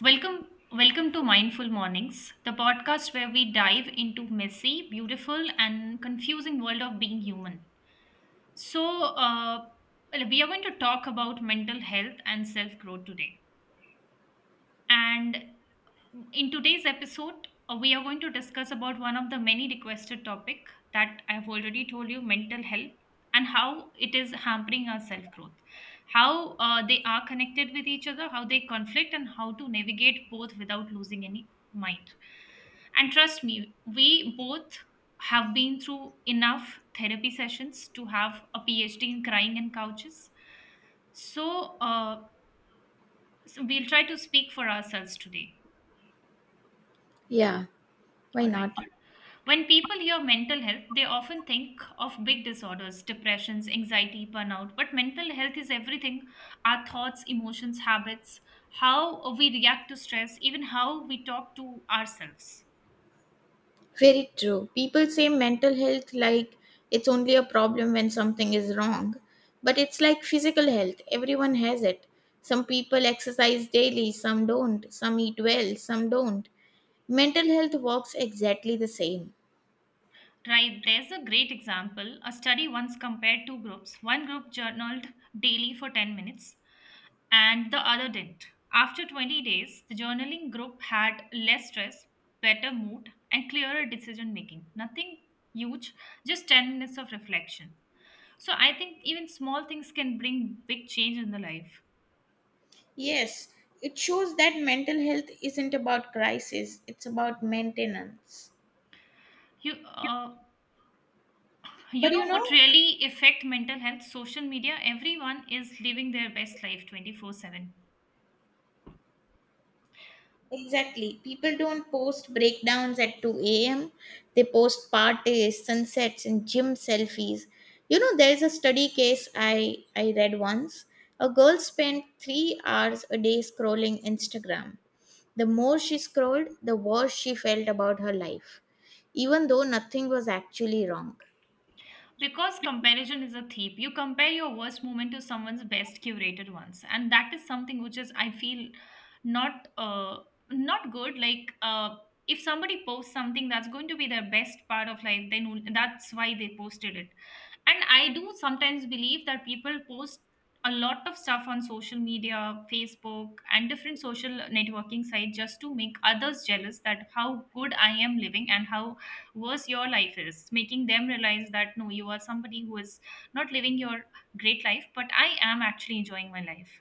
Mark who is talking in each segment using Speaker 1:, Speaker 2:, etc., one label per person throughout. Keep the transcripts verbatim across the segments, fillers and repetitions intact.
Speaker 1: Welcome, welcome to Mindful Mornings, the podcast where we dive into messy, beautiful, and confusing world of being human. So, uh, well, we are going to talk about mental health and self growth today. And in today's episode uh, we are going to discuss about one of the many requested topic that I have already told you mental health and how it is hampering our self growth how uh, they are connected with each other how they conflict and how to navigate both without losing any mind. And trust me, we both have been through enough therapy sessions to have a phd in crying and couches. So, uh, so we'll try to speak for ourselves today.
Speaker 2: Yeah, why
Speaker 1: All right.
Speaker 2: not?
Speaker 1: When people hear mental health, they often think of big disorders, depressions, anxiety, burnout. But mental health is everything: our thoughts, emotions, habits, how we react to stress, even how we talk to ourselves.
Speaker 2: Very true. People say mental health like it's only a problem when something is wrong, but it's like physical health. Everyone has it. Some people exercise daily, some don't. Some eat well, some don't. Mental health works exactly the same.
Speaker 1: Right, there's a great example. A study once compared two groups. One group journaled daily for ten minutes and the other didn't. After twenty days, the journaling group had less stress, better mood, and clearer decision making. Nothing huge, just ten minutes of reflection. So I think even small things can bring big change in the life.
Speaker 2: Yes, it shows that mental health isn't about crisis, it's about maintenance.
Speaker 1: You uh, you
Speaker 2: But you
Speaker 1: know what
Speaker 2: know,
Speaker 1: really affect mental health? Social media. Everyone is living their best life twenty four seven.
Speaker 2: exactly. People don't post breakdowns at two a m. They post parties, sunsets, and gym selfies. You know, there is a study case I, I read once. A girl spent three hours a day scrolling Instagram. The more she scrolled, the worse she felt about her life, even though nothing was actually wrong.
Speaker 1: Because comparison is a thief. You compare your worst moment to someone's best curated ones, and that is something which is I feel not uh not good. Like uh, if somebody posts something that's going to be their best part of life, then that's why they posted it. And I do sometimes believe that people post a lot of stuff on social media, Facebook, and different social networking sites just to make others jealous that how good I am living and how worse your life is, making them realize that no, you are somebody who is not living your great life but I am actually enjoying my life.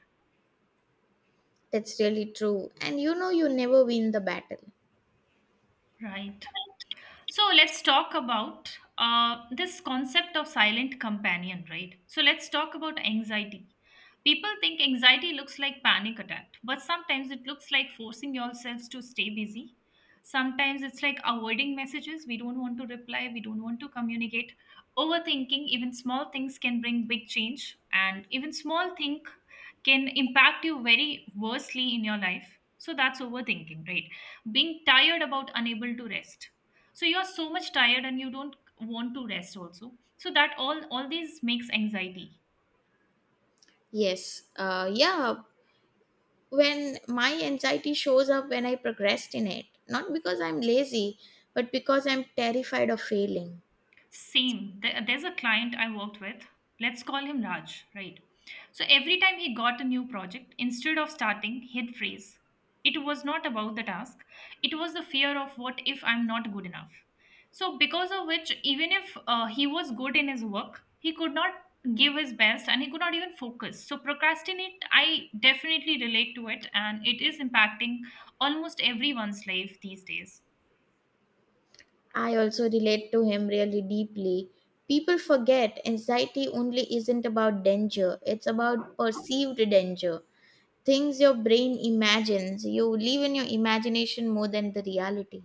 Speaker 2: That's really true. And you know, you never win the battle.
Speaker 1: Right. So let's talk about uh, this concept of silent companion, right? So let's talk about anxiety. People think anxiety looks like panic attack, but sometimes it looks like forcing yourselves to stay busy. Sometimes it's like avoiding messages we don't want to reply, we don't want to communicate. Overthinking, even small things can bring big change, and even small thing can impact you very worsely in your life. So that's overthinking, right? Being tired about unable to rest, so you're so much tired and you don't want to rest also, so that all all these makes anxiety.
Speaker 2: Yes. Uh, yeah, when my anxiety shows up when I procrastinate, not because I'm lazy, but because I'm terrified of failing.
Speaker 1: Same. There- There's a client I worked with. Let's call him Raj, right? So every time he got a new project, instead of starting, he'd phrase. It was not about the task, it was the fear of what if I'm not good enough. So, because of which, even if uh, he was good in his work, he could not give his best and he could not even focus. So, procrastinate, I definitely relate to it, and it is impacting almost everyone's life these days.
Speaker 2: I also relate to him really deeply. People forget anxiety only isn't about danger, it's about perceived danger. Things your brain imagines. You live in your imagination more than the reality.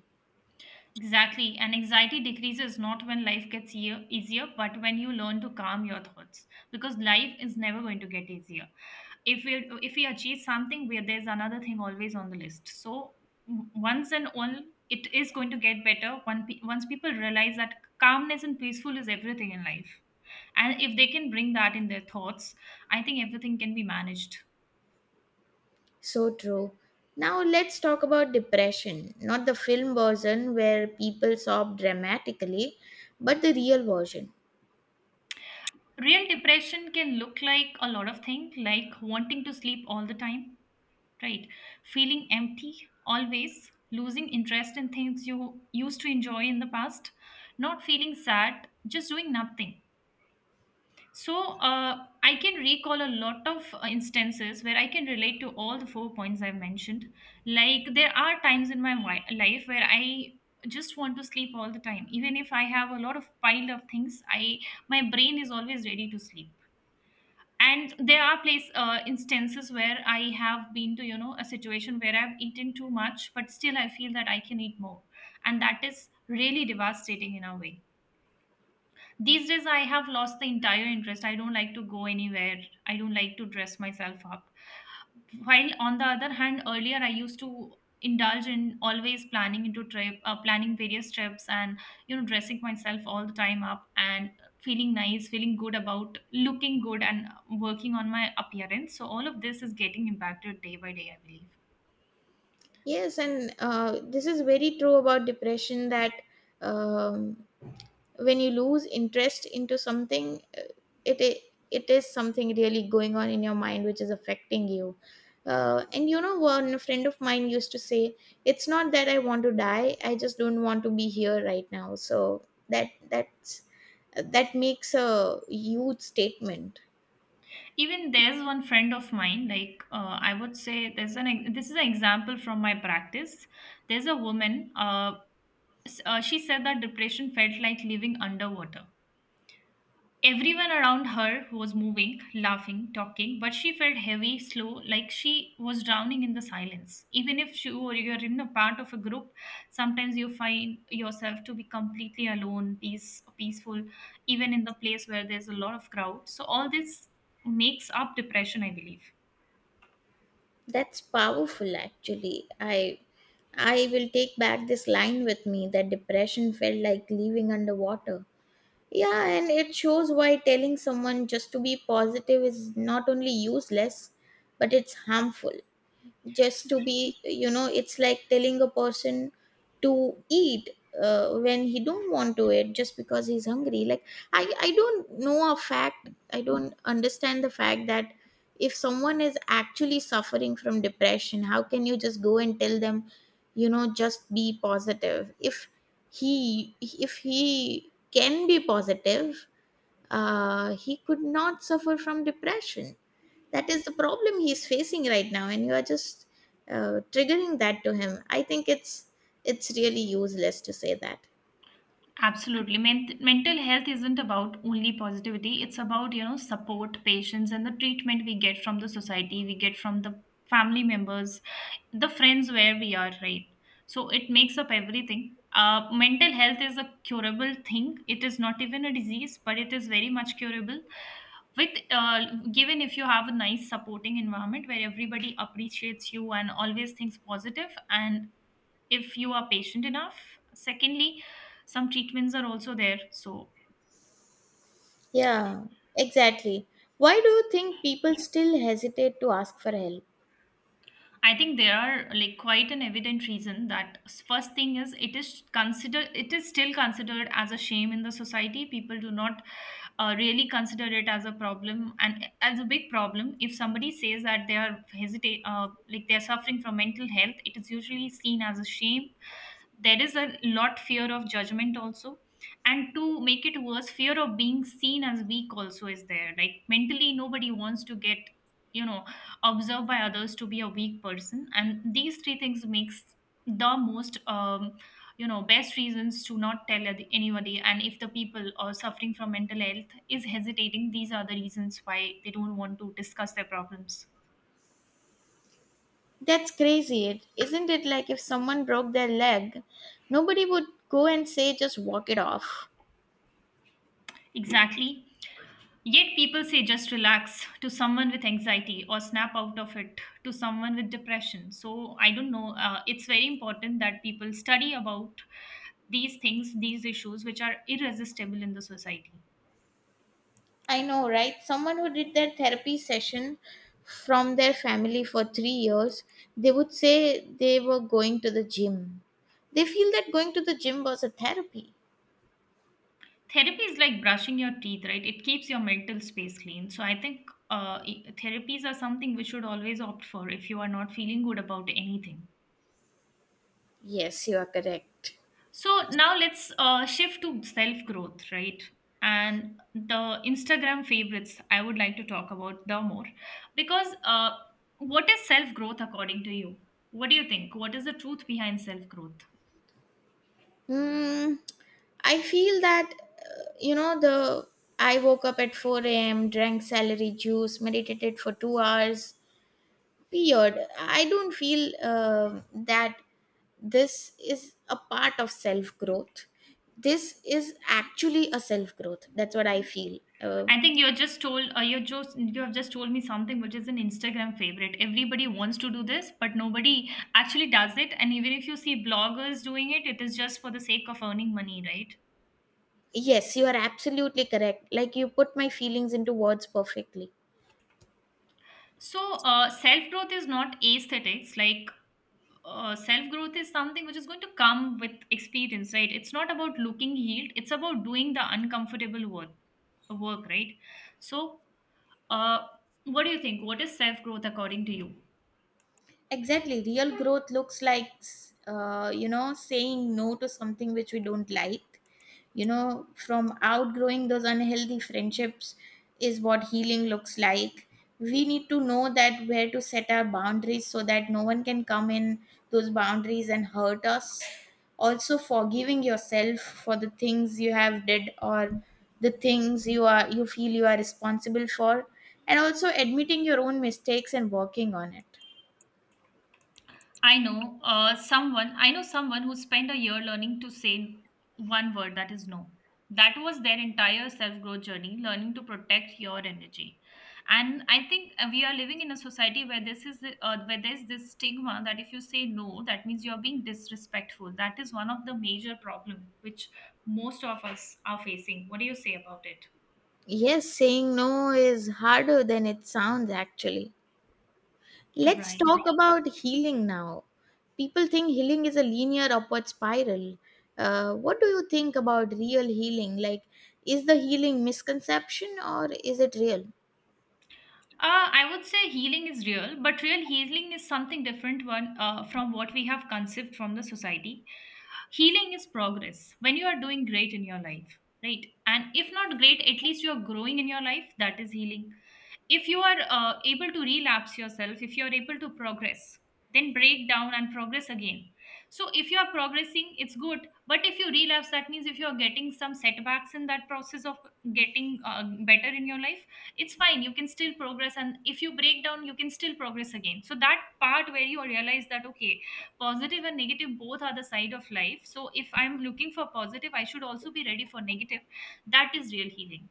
Speaker 1: Exactly. And anxiety decreases not when life gets ea- easier, but when you learn to calm your thoughts. Because life is never going to get easier. If we if we achieve something where there's another thing always on the list. So w- once and all it is going to get better one pe- once people realize that calmness and peaceful is everything in life. And if they can bring that in their thoughts, I think everything can be managed.
Speaker 2: So true. Now let's talk about depression. Not the film version where people sob dramatically, but the real version.
Speaker 1: Real depression can look like a lot of things, like wanting to sleep all the time, right? Feeling empty, always losing interest in things you used to enjoy in the past, not feeling sad, just doing nothing. So, uh, I can recall a lot of uh, instances where I can relate to all the four points I've mentioned. Like, there are times in my wi- life where I just want to sleep all the time, even if I have a lot of pile of things, I my brain is always ready to sleep. And there are place uh, instances where I have been to, you know, a situation where I've eaten too much but still I feel that I can eat more, and that is really devastating in a way. These days, I have lost the entire interest. I don't like to go anywhere. I don't like to dress myself up. While on the other hand, earlier I used to indulge in always planning into trip, uh, planning various trips, and you know, dressing myself all the time up and feeling nice, feeling good about looking good and working on my appearance. So all of this is getting impacted day by day, I believe.
Speaker 2: Yes, and uh, this is very true about depression that um, when you lose interest into something, uh, it i- it is something really going on in your mind which is affecting you. Uh, and you know, one friend of mine used to say, "It's not that I want to die; I just don't want to be here right now." So that that's that makes a huge statement.
Speaker 1: Even there's one friend of mine, like uh, I would say, there's an ex- this is an example from my practice. There's a woman, uh, s- uh, she said that depression felt like living underwater. Everyone around her was moving, laughing, talking, but she felt heavy, slow, like she was drowning in the silence. Even if you or you're in a part of a group, sometimes you find yourself to be completely alone, peace, peaceful, even in the place where there's a lot of crowd. So all this makes up depression, I believe.
Speaker 2: That's powerful actually. I I will take back this line with me that depression felt like living underwater. Yeah, and it shows why telling someone just to be positive is not only useless, but it's harmful, just to be you know it's like telling a person to eat uh, when he don't want to eat just because he's hungry. Like, i i don't know a fact, I don't understand the fact that if someone is actually suffering from depression, how can you just go and tell them, you know, just be positive? If he if he can be positive, uh, he could not suffer from depression. That is the problem he's facing right now, and you are just uh, triggering that to him. I think it's it's really useless to say that.
Speaker 1: Absolutely. Men- mental health isn't about only positivity. It's about, you know, support, patience, and the treatment we get from the society, we get from the family members, the friends where we are, right? So it makes up everything. Uh, mental health is a curable thing. It is not even a disease, but it is very much curable. With uh, Given if you have a nice supporting environment where everybody appreciates you and always thinks positive, and if you are patient enough. Secondly, some treatments are also there, so
Speaker 2: Yeah, exactly. Why do you think people still hesitate to ask for help?
Speaker 1: I think there are like quite an evident reason that s- first thing is, it is considered, it is still considered as a shame in the society. People do not uh, really consider it as a problem and as a big problem. If somebody says that they are hesitate uh, like they are suffering from mental health, it is usually seen as a shame. There is a lot fear of judgment also, and to make it worse, fear of being seen as weak also is there. Like mentally nobody wants to get, you know, observed by others to be a weak person, and these three things makes the most, um, you know, best reasons to not tell ad- anybody. And if the people are suffering from mental health is hesitating, these are the reasons why they don't want to discuss their problems.
Speaker 2: That's crazy. It isn't it like if someone broke their leg, nobody would go and say just walk it off.
Speaker 1: Exactly. Yet people say just relax to someone with anxiety or snap out of it to someone with depression. So I don't know. Uh, it's very important that people study about these things, these issues, which are irresistible in the society.
Speaker 2: I know, right? Someone who did their therapy session from their family for three years, they would say they were going to the gym. They feel that going to the gym was a therapy.
Speaker 1: Therapy is like brushing your teeth, right? It keeps your mental space clean. So I think, uh, i- therapies are something we should always opt for if you are not feeling good about anything.
Speaker 2: Yes, you are correct.
Speaker 1: So now let's uh, shift to self growth, right? And the Instagram favorites, I would like to talk about the more, because uh, what is self growth according to you? What do you think? What is the truth behind self growth?
Speaker 2: Mm, I feel that, uh, you know, the I woke up at four a m, drank celery juice, meditated for two hours, weird. I don't feel um that this is a part of self growth. This is actually a self growth. That's what I feel. Um
Speaker 1: I think you just told uh, you just you have just told me something which is an Instagram favorite. Everybody wants to do this, but nobody actually does it. And even if you see bloggers doing it, it is just for the sake of earning money, right?
Speaker 2: yes, you are absolutely correct. Like you put my feelings into words perfectly.
Speaker 1: So, uh, self growth is not aesthetics. Like uh, self growth is something which is going to come with experience, right? It's not about looking healed, it's about doing the uncomfortable work, work right? So, uh, what do you think? What is self growth according to you?
Speaker 2: Exactly. Real growth looks like, uh, you know, saying no to something which we don't like. You know, from outgrowing those unhealthy friendships is what healing looks like. We need to know that where to set our boundaries so that no one can come in those boundaries and hurt us. Also, forgiving yourself for the things you have did or the things you are you feel you are responsible for, and also admitting your own mistakes and working on it.
Speaker 1: I know uh, someone. I know someone who spent a year learning to say one word, that is no. That was their entire self growth journey, learning to protect your energy. And I think uh, we are living in a society where this is the- uh, where there's this stigma that if you say no, that means you are being disrespectful. That is one of the major problem which most of us are facing. What do you say about it?
Speaker 2: Yes, saying no is harder than it sounds actually. Let's
Speaker 1: Right.
Speaker 2: talk about healing now. People think healing is a linear upward spiral. Uh, what do you think about real healing? Like, is the healing misconception or is it real?
Speaker 1: Uh, I would say healing is real, but real healing is something different one uh, from what we have conceived from the society. Healing is progress when you are doing great in your life, right? And if not great, at least you are growing in your life. That is healing. If you are uh, able to relapse yourself, if you are able to progress, then break down and progress again. So if you are progressing, it's good. But if you relapse, that means if you are getting some setbacks in that process of getting uh, better in your life, it's fine. You can still progress, and if you break down you can still progress again. So that part where you realize that, okay, positive and negative both are the side of life, so if I'm looking for positive I should also be ready for negative. That is real healing.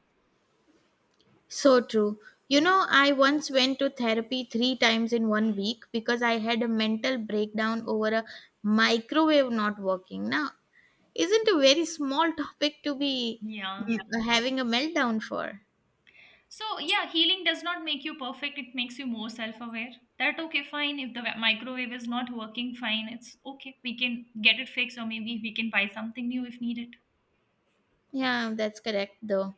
Speaker 2: So true. You know, I once went to therapy three times in one week because I had a mental breakdown over a microwave not working. Now, isn't a very small topic to be
Speaker 1: Yeah,
Speaker 2: mm, having a meltdown for?
Speaker 1: so yeah, healing does not make you perfect, it makes you more self-aware. That okay, fine, if the wa- microwave is not working, fine, it's okay, we can get it fixed or maybe we can buy something new if needed.
Speaker 2: Yeah, that's correct, though.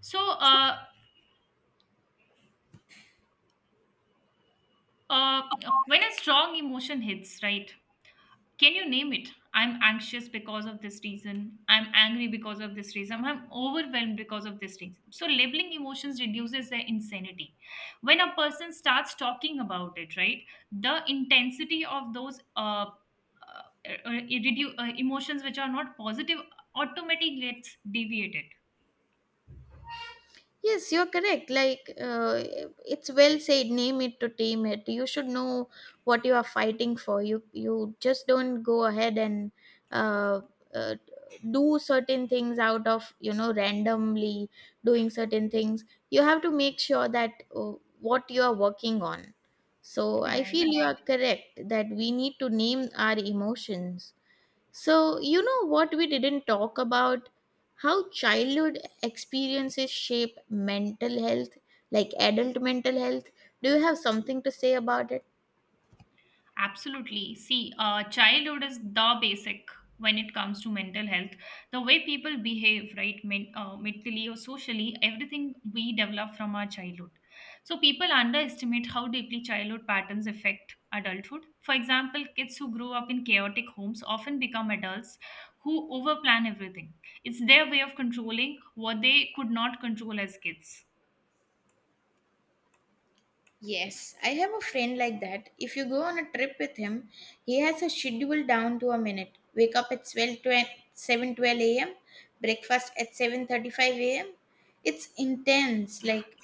Speaker 1: So uh uh when a strong emotion hits, right, can you name it? I'm anxious because of this reason. I'm angry because of this reason. I'm overwhelmed because of this reason. So, labeling emotions reduces their insanity. When a person starts talking about it, right, the intensity of those uh, uh, uh, redu- uh, emotions which are not positive automatically gets deviated.
Speaker 2: Yes, you're correct. Like, uh, it's well said. Name it to tame it. You should know what you are fighting for. You you just don't go ahead and uh, uh, do certain things out of, you know, randomly doing certain things. You have to make sure that uh, what you are working on. So I feel
Speaker 1: Right.
Speaker 2: you are correct that we need to name our emotions. So, you know what we didn't talk about? How childhood experiences shape mental health, like adult mental health. Do you have something to say about it?
Speaker 1: Absolutely. See, uh, childhood is the basic when it comes to mental health. The way people behave, right, men- uh, mentally or socially, everything we develop from our childhood. So people underestimate how deeply childhood patterns affect adulthood. For example, kids who grow up in chaotic homes often become adults who overplan everything. It's their way of controlling what they could not control as kids.
Speaker 2: Yes, I have a friend like that. If you go on a trip with him, he has a schedule down to a minute. Wake up at twelve seven, twelve a m, breakfast at seven thirty-five a m. It's intense. Like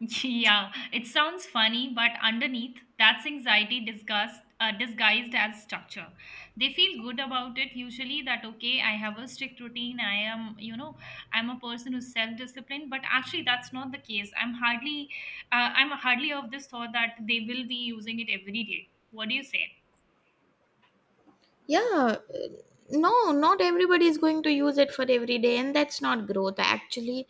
Speaker 1: Yeah, it sounds funny, but underneath, that's anxiety disguised, uh, disguised as structure. They feel good about it usually that, okay, I have a strict routine. I am, you know, I'm a person who's self-disciplined, but actually that's not the case. I'm hardly, uh, I'm hardly of this thought that they will be using it every day. What do you say?
Speaker 2: yeah, uh, no, not everybody is going to use it for every day, and that's not growth actually,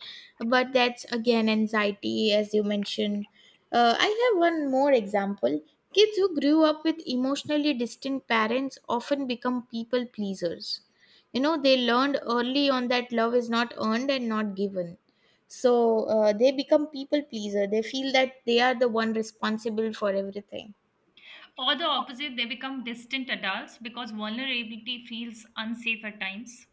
Speaker 2: but that's again anxiety as you mentioned. uh, I have one more example. Kids who grew up with emotionally distant parents often become people pleasers. You know, they learned early on that love is not earned and not given. So uh, they become people pleaser, they feel that they are the one responsible for everything.
Speaker 1: Or the opposite, they become distant adults because vulnerability feels unsafe at times.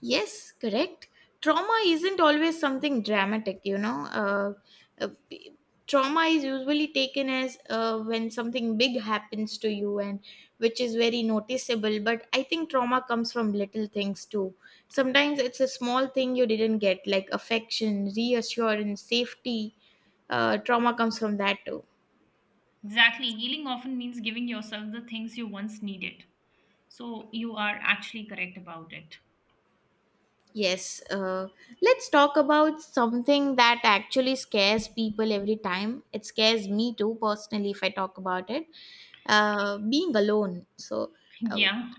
Speaker 2: Yes, correct. Trauma isn't always something dramatic, you know. Uh, uh, p- Trauma is usually taken as uh, when something big happens to you, and which is very noticeable. But I think trauma comes from little things too. Sometimes it's a small thing you didn't get, like affection, reassurance, safety. Uh, trauma comes from that too.
Speaker 1: Exactly. Healing often means giving yourself the things you once needed. So you are actually correct about it.
Speaker 2: Yes, uh, let's talk about something that actually scares people every time. It scares me too, personally, if I talk about it. Uh, being alone. So, uh,
Speaker 1: Yeah.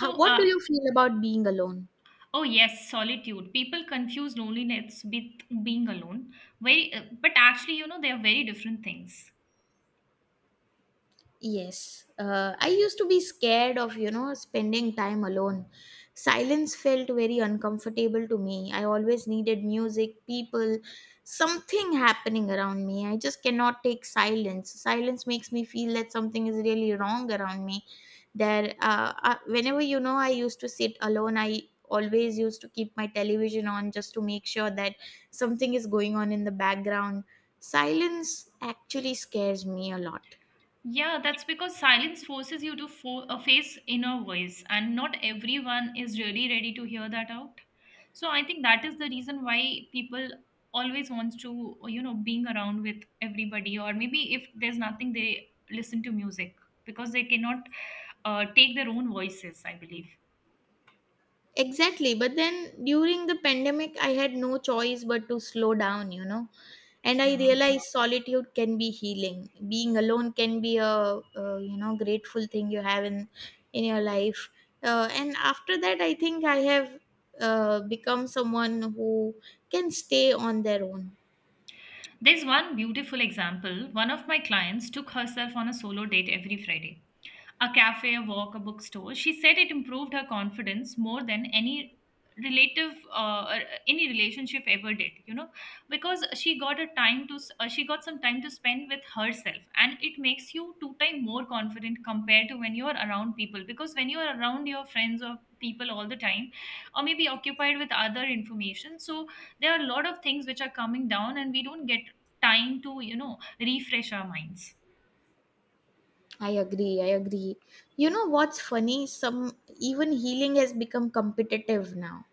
Speaker 2: how, what
Speaker 1: uh,
Speaker 2: do you feel about being alone?
Speaker 1: oh yes, solitude. People confuse loneliness with being alone. Very, uh, but actually, you know, they are very different things.
Speaker 2: Yes, uh, I used to be scared of, you know, spending time alone. Silence felt very uncomfortable to me. I always needed music, people, something happening around me. I just cannot take silence. Silence makes me feel that something is really wrong around me. There, uh, uh, whenever you know, I used to sit alone. I always used to keep my television on just to make sure that something is going on in the background. Silence actually scares me a lot.
Speaker 1: Yeah, that's because silence forces you to fo- uh, face inner voice, and not everyone is really ready to hear that out. So I think that is the reason why people always wants to, you know, being around with everybody, or maybe if there's nothing, they listen to music because they cannot uh, take their own voices. I believe.
Speaker 2: Exactly. But then during the pandemic, I had no choice but to slow down, you know. And I
Speaker 1: Yeah.
Speaker 2: realized solitude can be healing. Being alone can be a, uh you know grateful thing you have in in your life. Uh, and after that, I think I have uh, become someone who can stay on their own.
Speaker 1: There's one beautiful example. One of my clients took herself on a solo date every Friday. A cafe, a walk, a bookstore. She said it improved her confidence more than any relative uh, or any relationship ever did, you know, because she got a time to s- uh, she got some time to spend with herself, and it makes you two time more confident compared to when you are around people. Because when you are around your friends or people all the time or maybe occupied with other information, so there are a lot of things which are coming down and we don't get time to, you know, refresh our minds.
Speaker 2: I agree. I agree. You know what's funny? Some even healing has become competitive now.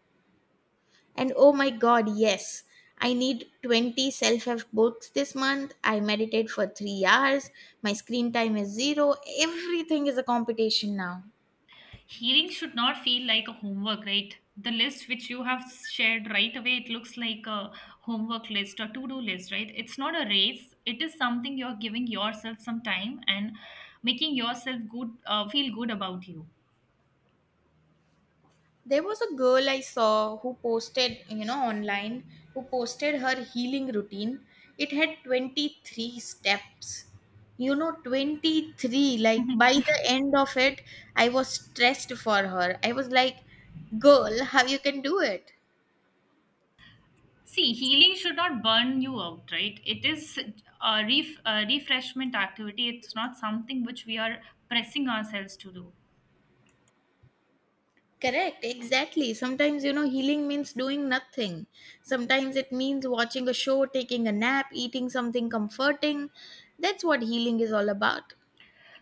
Speaker 2: And oh my god, yes, I need twenty self help books this month. I meditate for three hours. My screen time is zero. Everything is a competition now.
Speaker 1: Hearing should not feel like a homework, right? The list which you have shared right away, it looks like a homework list or to do list, right? It's not a race. It is something you're giving yourself some time and making yourself good, uh, feel good about you.
Speaker 2: There was a girl I saw who posted, you know, online, who posted her healing routine. It had twenty-three steps. You know, twenty-three. Like by the end of it, I was stressed for her. I was like, girl, how you can do it?
Speaker 1: See, healing should not burn you out, right? It is a, ref- a refreshment activity. It's not something which we are pressing ourselves to do.
Speaker 2: Correct, exactly. Sometimes, you know, healing means doing nothing. Sometimes it means watching a show, taking a nap, eating something comforting. That's what healing is all about.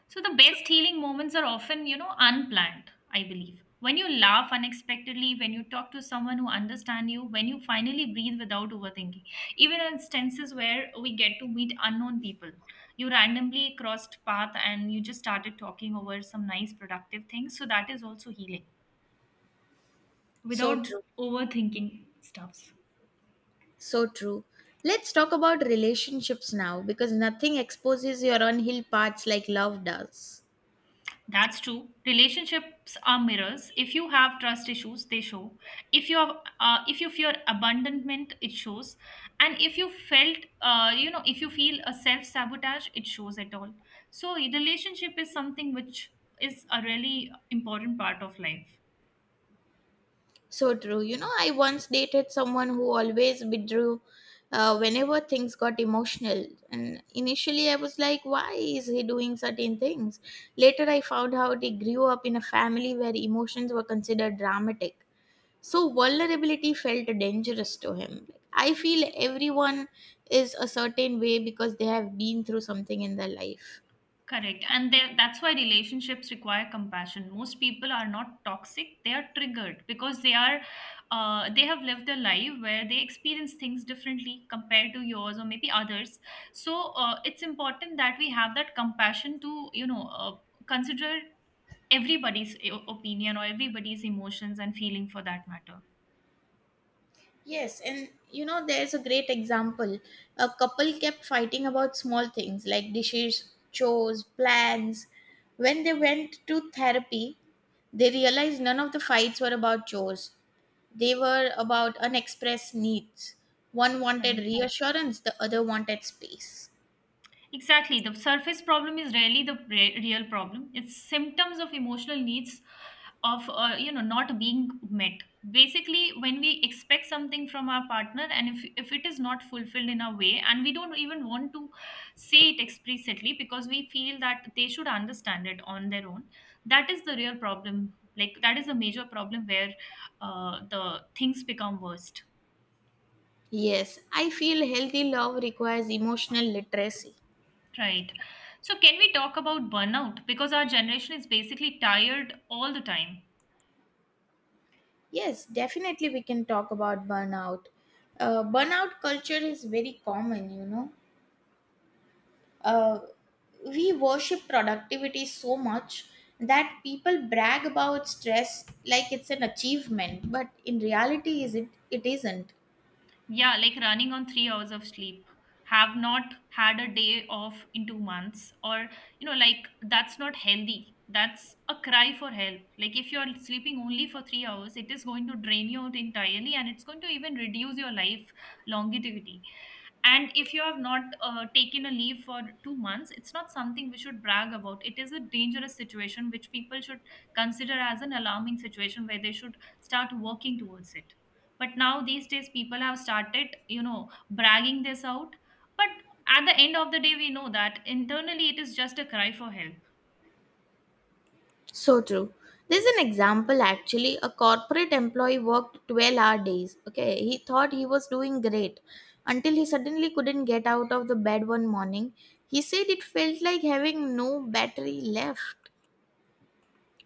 Speaker 1: So the best healing moments are often, you know, unplanned, I believe. When you laugh unexpectedly, when you talk to someone who understands you, when you finally breathe without overthinking. Even in instances where we get to meet unknown people, you randomly crossed path and you just started talking over some nice productive things. So that is also healing
Speaker 2: So
Speaker 1: without
Speaker 2: true.
Speaker 1: overthinking stuffs.
Speaker 2: So true. Let's talk about relationships now because nothing exposes your unhealed parts like love does.
Speaker 1: That's true. Relationships are mirrors. If you have trust issues, they show. If you have, uh, if you fear abandonment, it shows. And if you felt, uh, you know, if you feel a self sabotage, it shows at all. So, relationship is something which is a really important part of life.
Speaker 2: So true. You know, I once dated someone who always withdrew uh, whenever things got emotional. And initially, I was like, why is he doing certain things? Later, I found out he grew up in a family where emotions were considered dramatic. So, vulnerability felt dangerous to him. Like, I feel everyone is a certain way because they have been through something in their life.
Speaker 1: Correct. And there- that's why relationships require compassion. Most people are not toxic, they are triggered because they are uh, they have lived a life where they experience things differently compared to yours or maybe others. So uh, it's important that we have that compassion to, you know, uh, consider everybody's o- opinion or everybody's emotions and feeling for that matter.
Speaker 2: Yes, and you know, there's a great example. A couple kept fighting about small things like dishes, chores, plans. When they went to therapy, they realized none of the fights were about chores. They were about unexpressed needs. One wanted
Speaker 1: Right.
Speaker 2: reassurance, the other wanted space.
Speaker 1: Exactly. The surface problem is rarely the re- real problem. It's symptoms of emotional needs of uh, you know, not being met. Basically, when we expect something from our partner, and if if it is not fulfilled in a way and we don't even want to say it explicitly because we feel that they should understand it on their own, that is the real problem. Like that is a major problem where uh, the things become worst.
Speaker 2: Yes, I feel healthy love requires emotional literacy.
Speaker 1: Right. So, can we talk about burnout? Because our generation is basically tired all the time.
Speaker 2: Yes, definitely we can talk about burnout. Uh, burnout culture is very common, you know. uh, we worship productivity so much that people brag about stress like it's an achievement, but in reality is it it isn't.
Speaker 1: Yeah, like running on three hours of sleep, have not had a day off in two months, or, you know, like that's not healthy. That's a cry for help. Like, if you're sleeping only for three hours, it is going to drain you out entirely and it's going to even reduce your life longevity. And if you have not uh, taken a leave for two months, it's not something we should brag about. It is a dangerous situation which people should consider as an alarming situation where they should start working towards it. But now these days people have started, you know, bragging this out, but at the end of the day we know that internally it is just a cry for help.
Speaker 2: So true. There's an example actually. A corporate employee worked twelve hour days. Okay, he thought he was doing great until he suddenly couldn't get out of the bed one morning. He said it felt like having no battery left.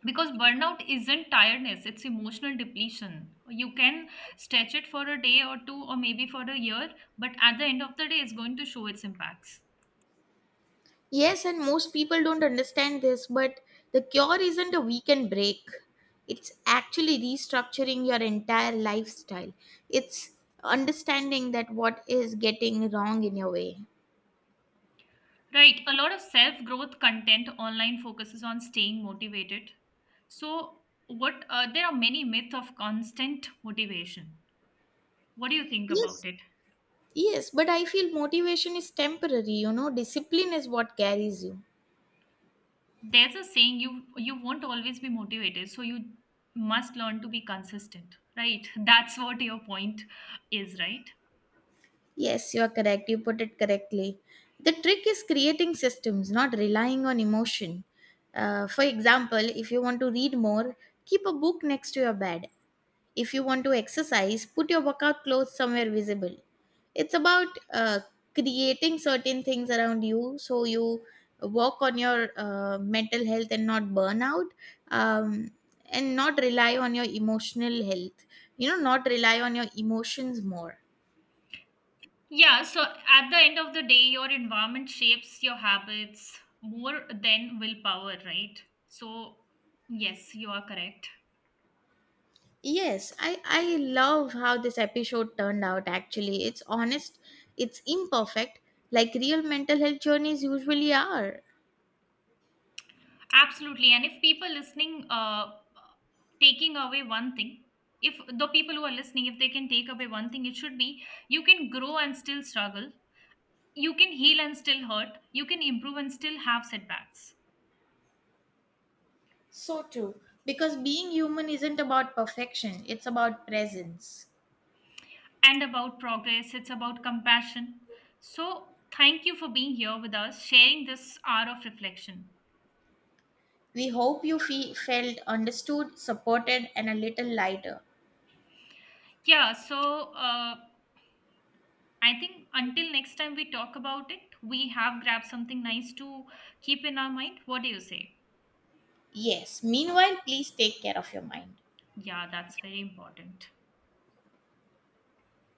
Speaker 1: Because burnout isn't tiredness, it's emotional depletion. You can stretch it for a day or two or maybe for a year, but at the end of the day it's going to show its impacts.
Speaker 2: Yes, and most people don't understand this, but the cure isn't a weekend break. It's actually restructuring your entire lifestyle. It's understanding that what is getting wrong in your way.
Speaker 1: Right. A lot of self growth content online focuses on staying motivated. So, what uh, there are many myths of constant motivation. What do you think about
Speaker 2: Yes,
Speaker 1: it?
Speaker 2: yes, but I feel motivation is temporary, you know, discipline is what carries you.
Speaker 1: There's a saying, you you won't always be motivated, so you must learn to be consistent. Right. That's what your point is. Right.
Speaker 2: Yes, you are correct. You put it correctly. The trick is creating systems, not relying on emotion. Uh, for example, if you want to read more, keep a book next to your bed. If you want to exercise, put your workout clothes somewhere visible. It's about uh, creating certain things around you so you work on your uh, mental health and not burn out, um, and not rely on your emotional health. You know, not rely on your emotions more.
Speaker 1: Yeah, so at the end of the day, your environment shapes your habits more than willpower, right? So, yes, you are correct.
Speaker 2: Yes, I I love how this episode turned out actually. It's honest, it's imperfect, like real mental health journeys usually are.
Speaker 1: Absolutely. And if people listening, uh, taking away one thing, if the people who are listening, if they can take away one thing, it should be you can grow and still struggle, you can heal and still hurt, you can improve and still have setbacks.
Speaker 2: So true. Because being human isn't about perfection, it's about presence.
Speaker 1: And about progress, it's about compassion. So, thank you for being here with us, sharing this hour of reflection.
Speaker 2: We hope you fe- felt understood, supported, and a little lighter.
Speaker 1: Yeah, so uh, I think until next time we talk about it, we have grabbed something nice to keep in our mind. What do you say?
Speaker 2: Yes. Meanwhile, please take care of your mind.
Speaker 1: Yeah, that's very important.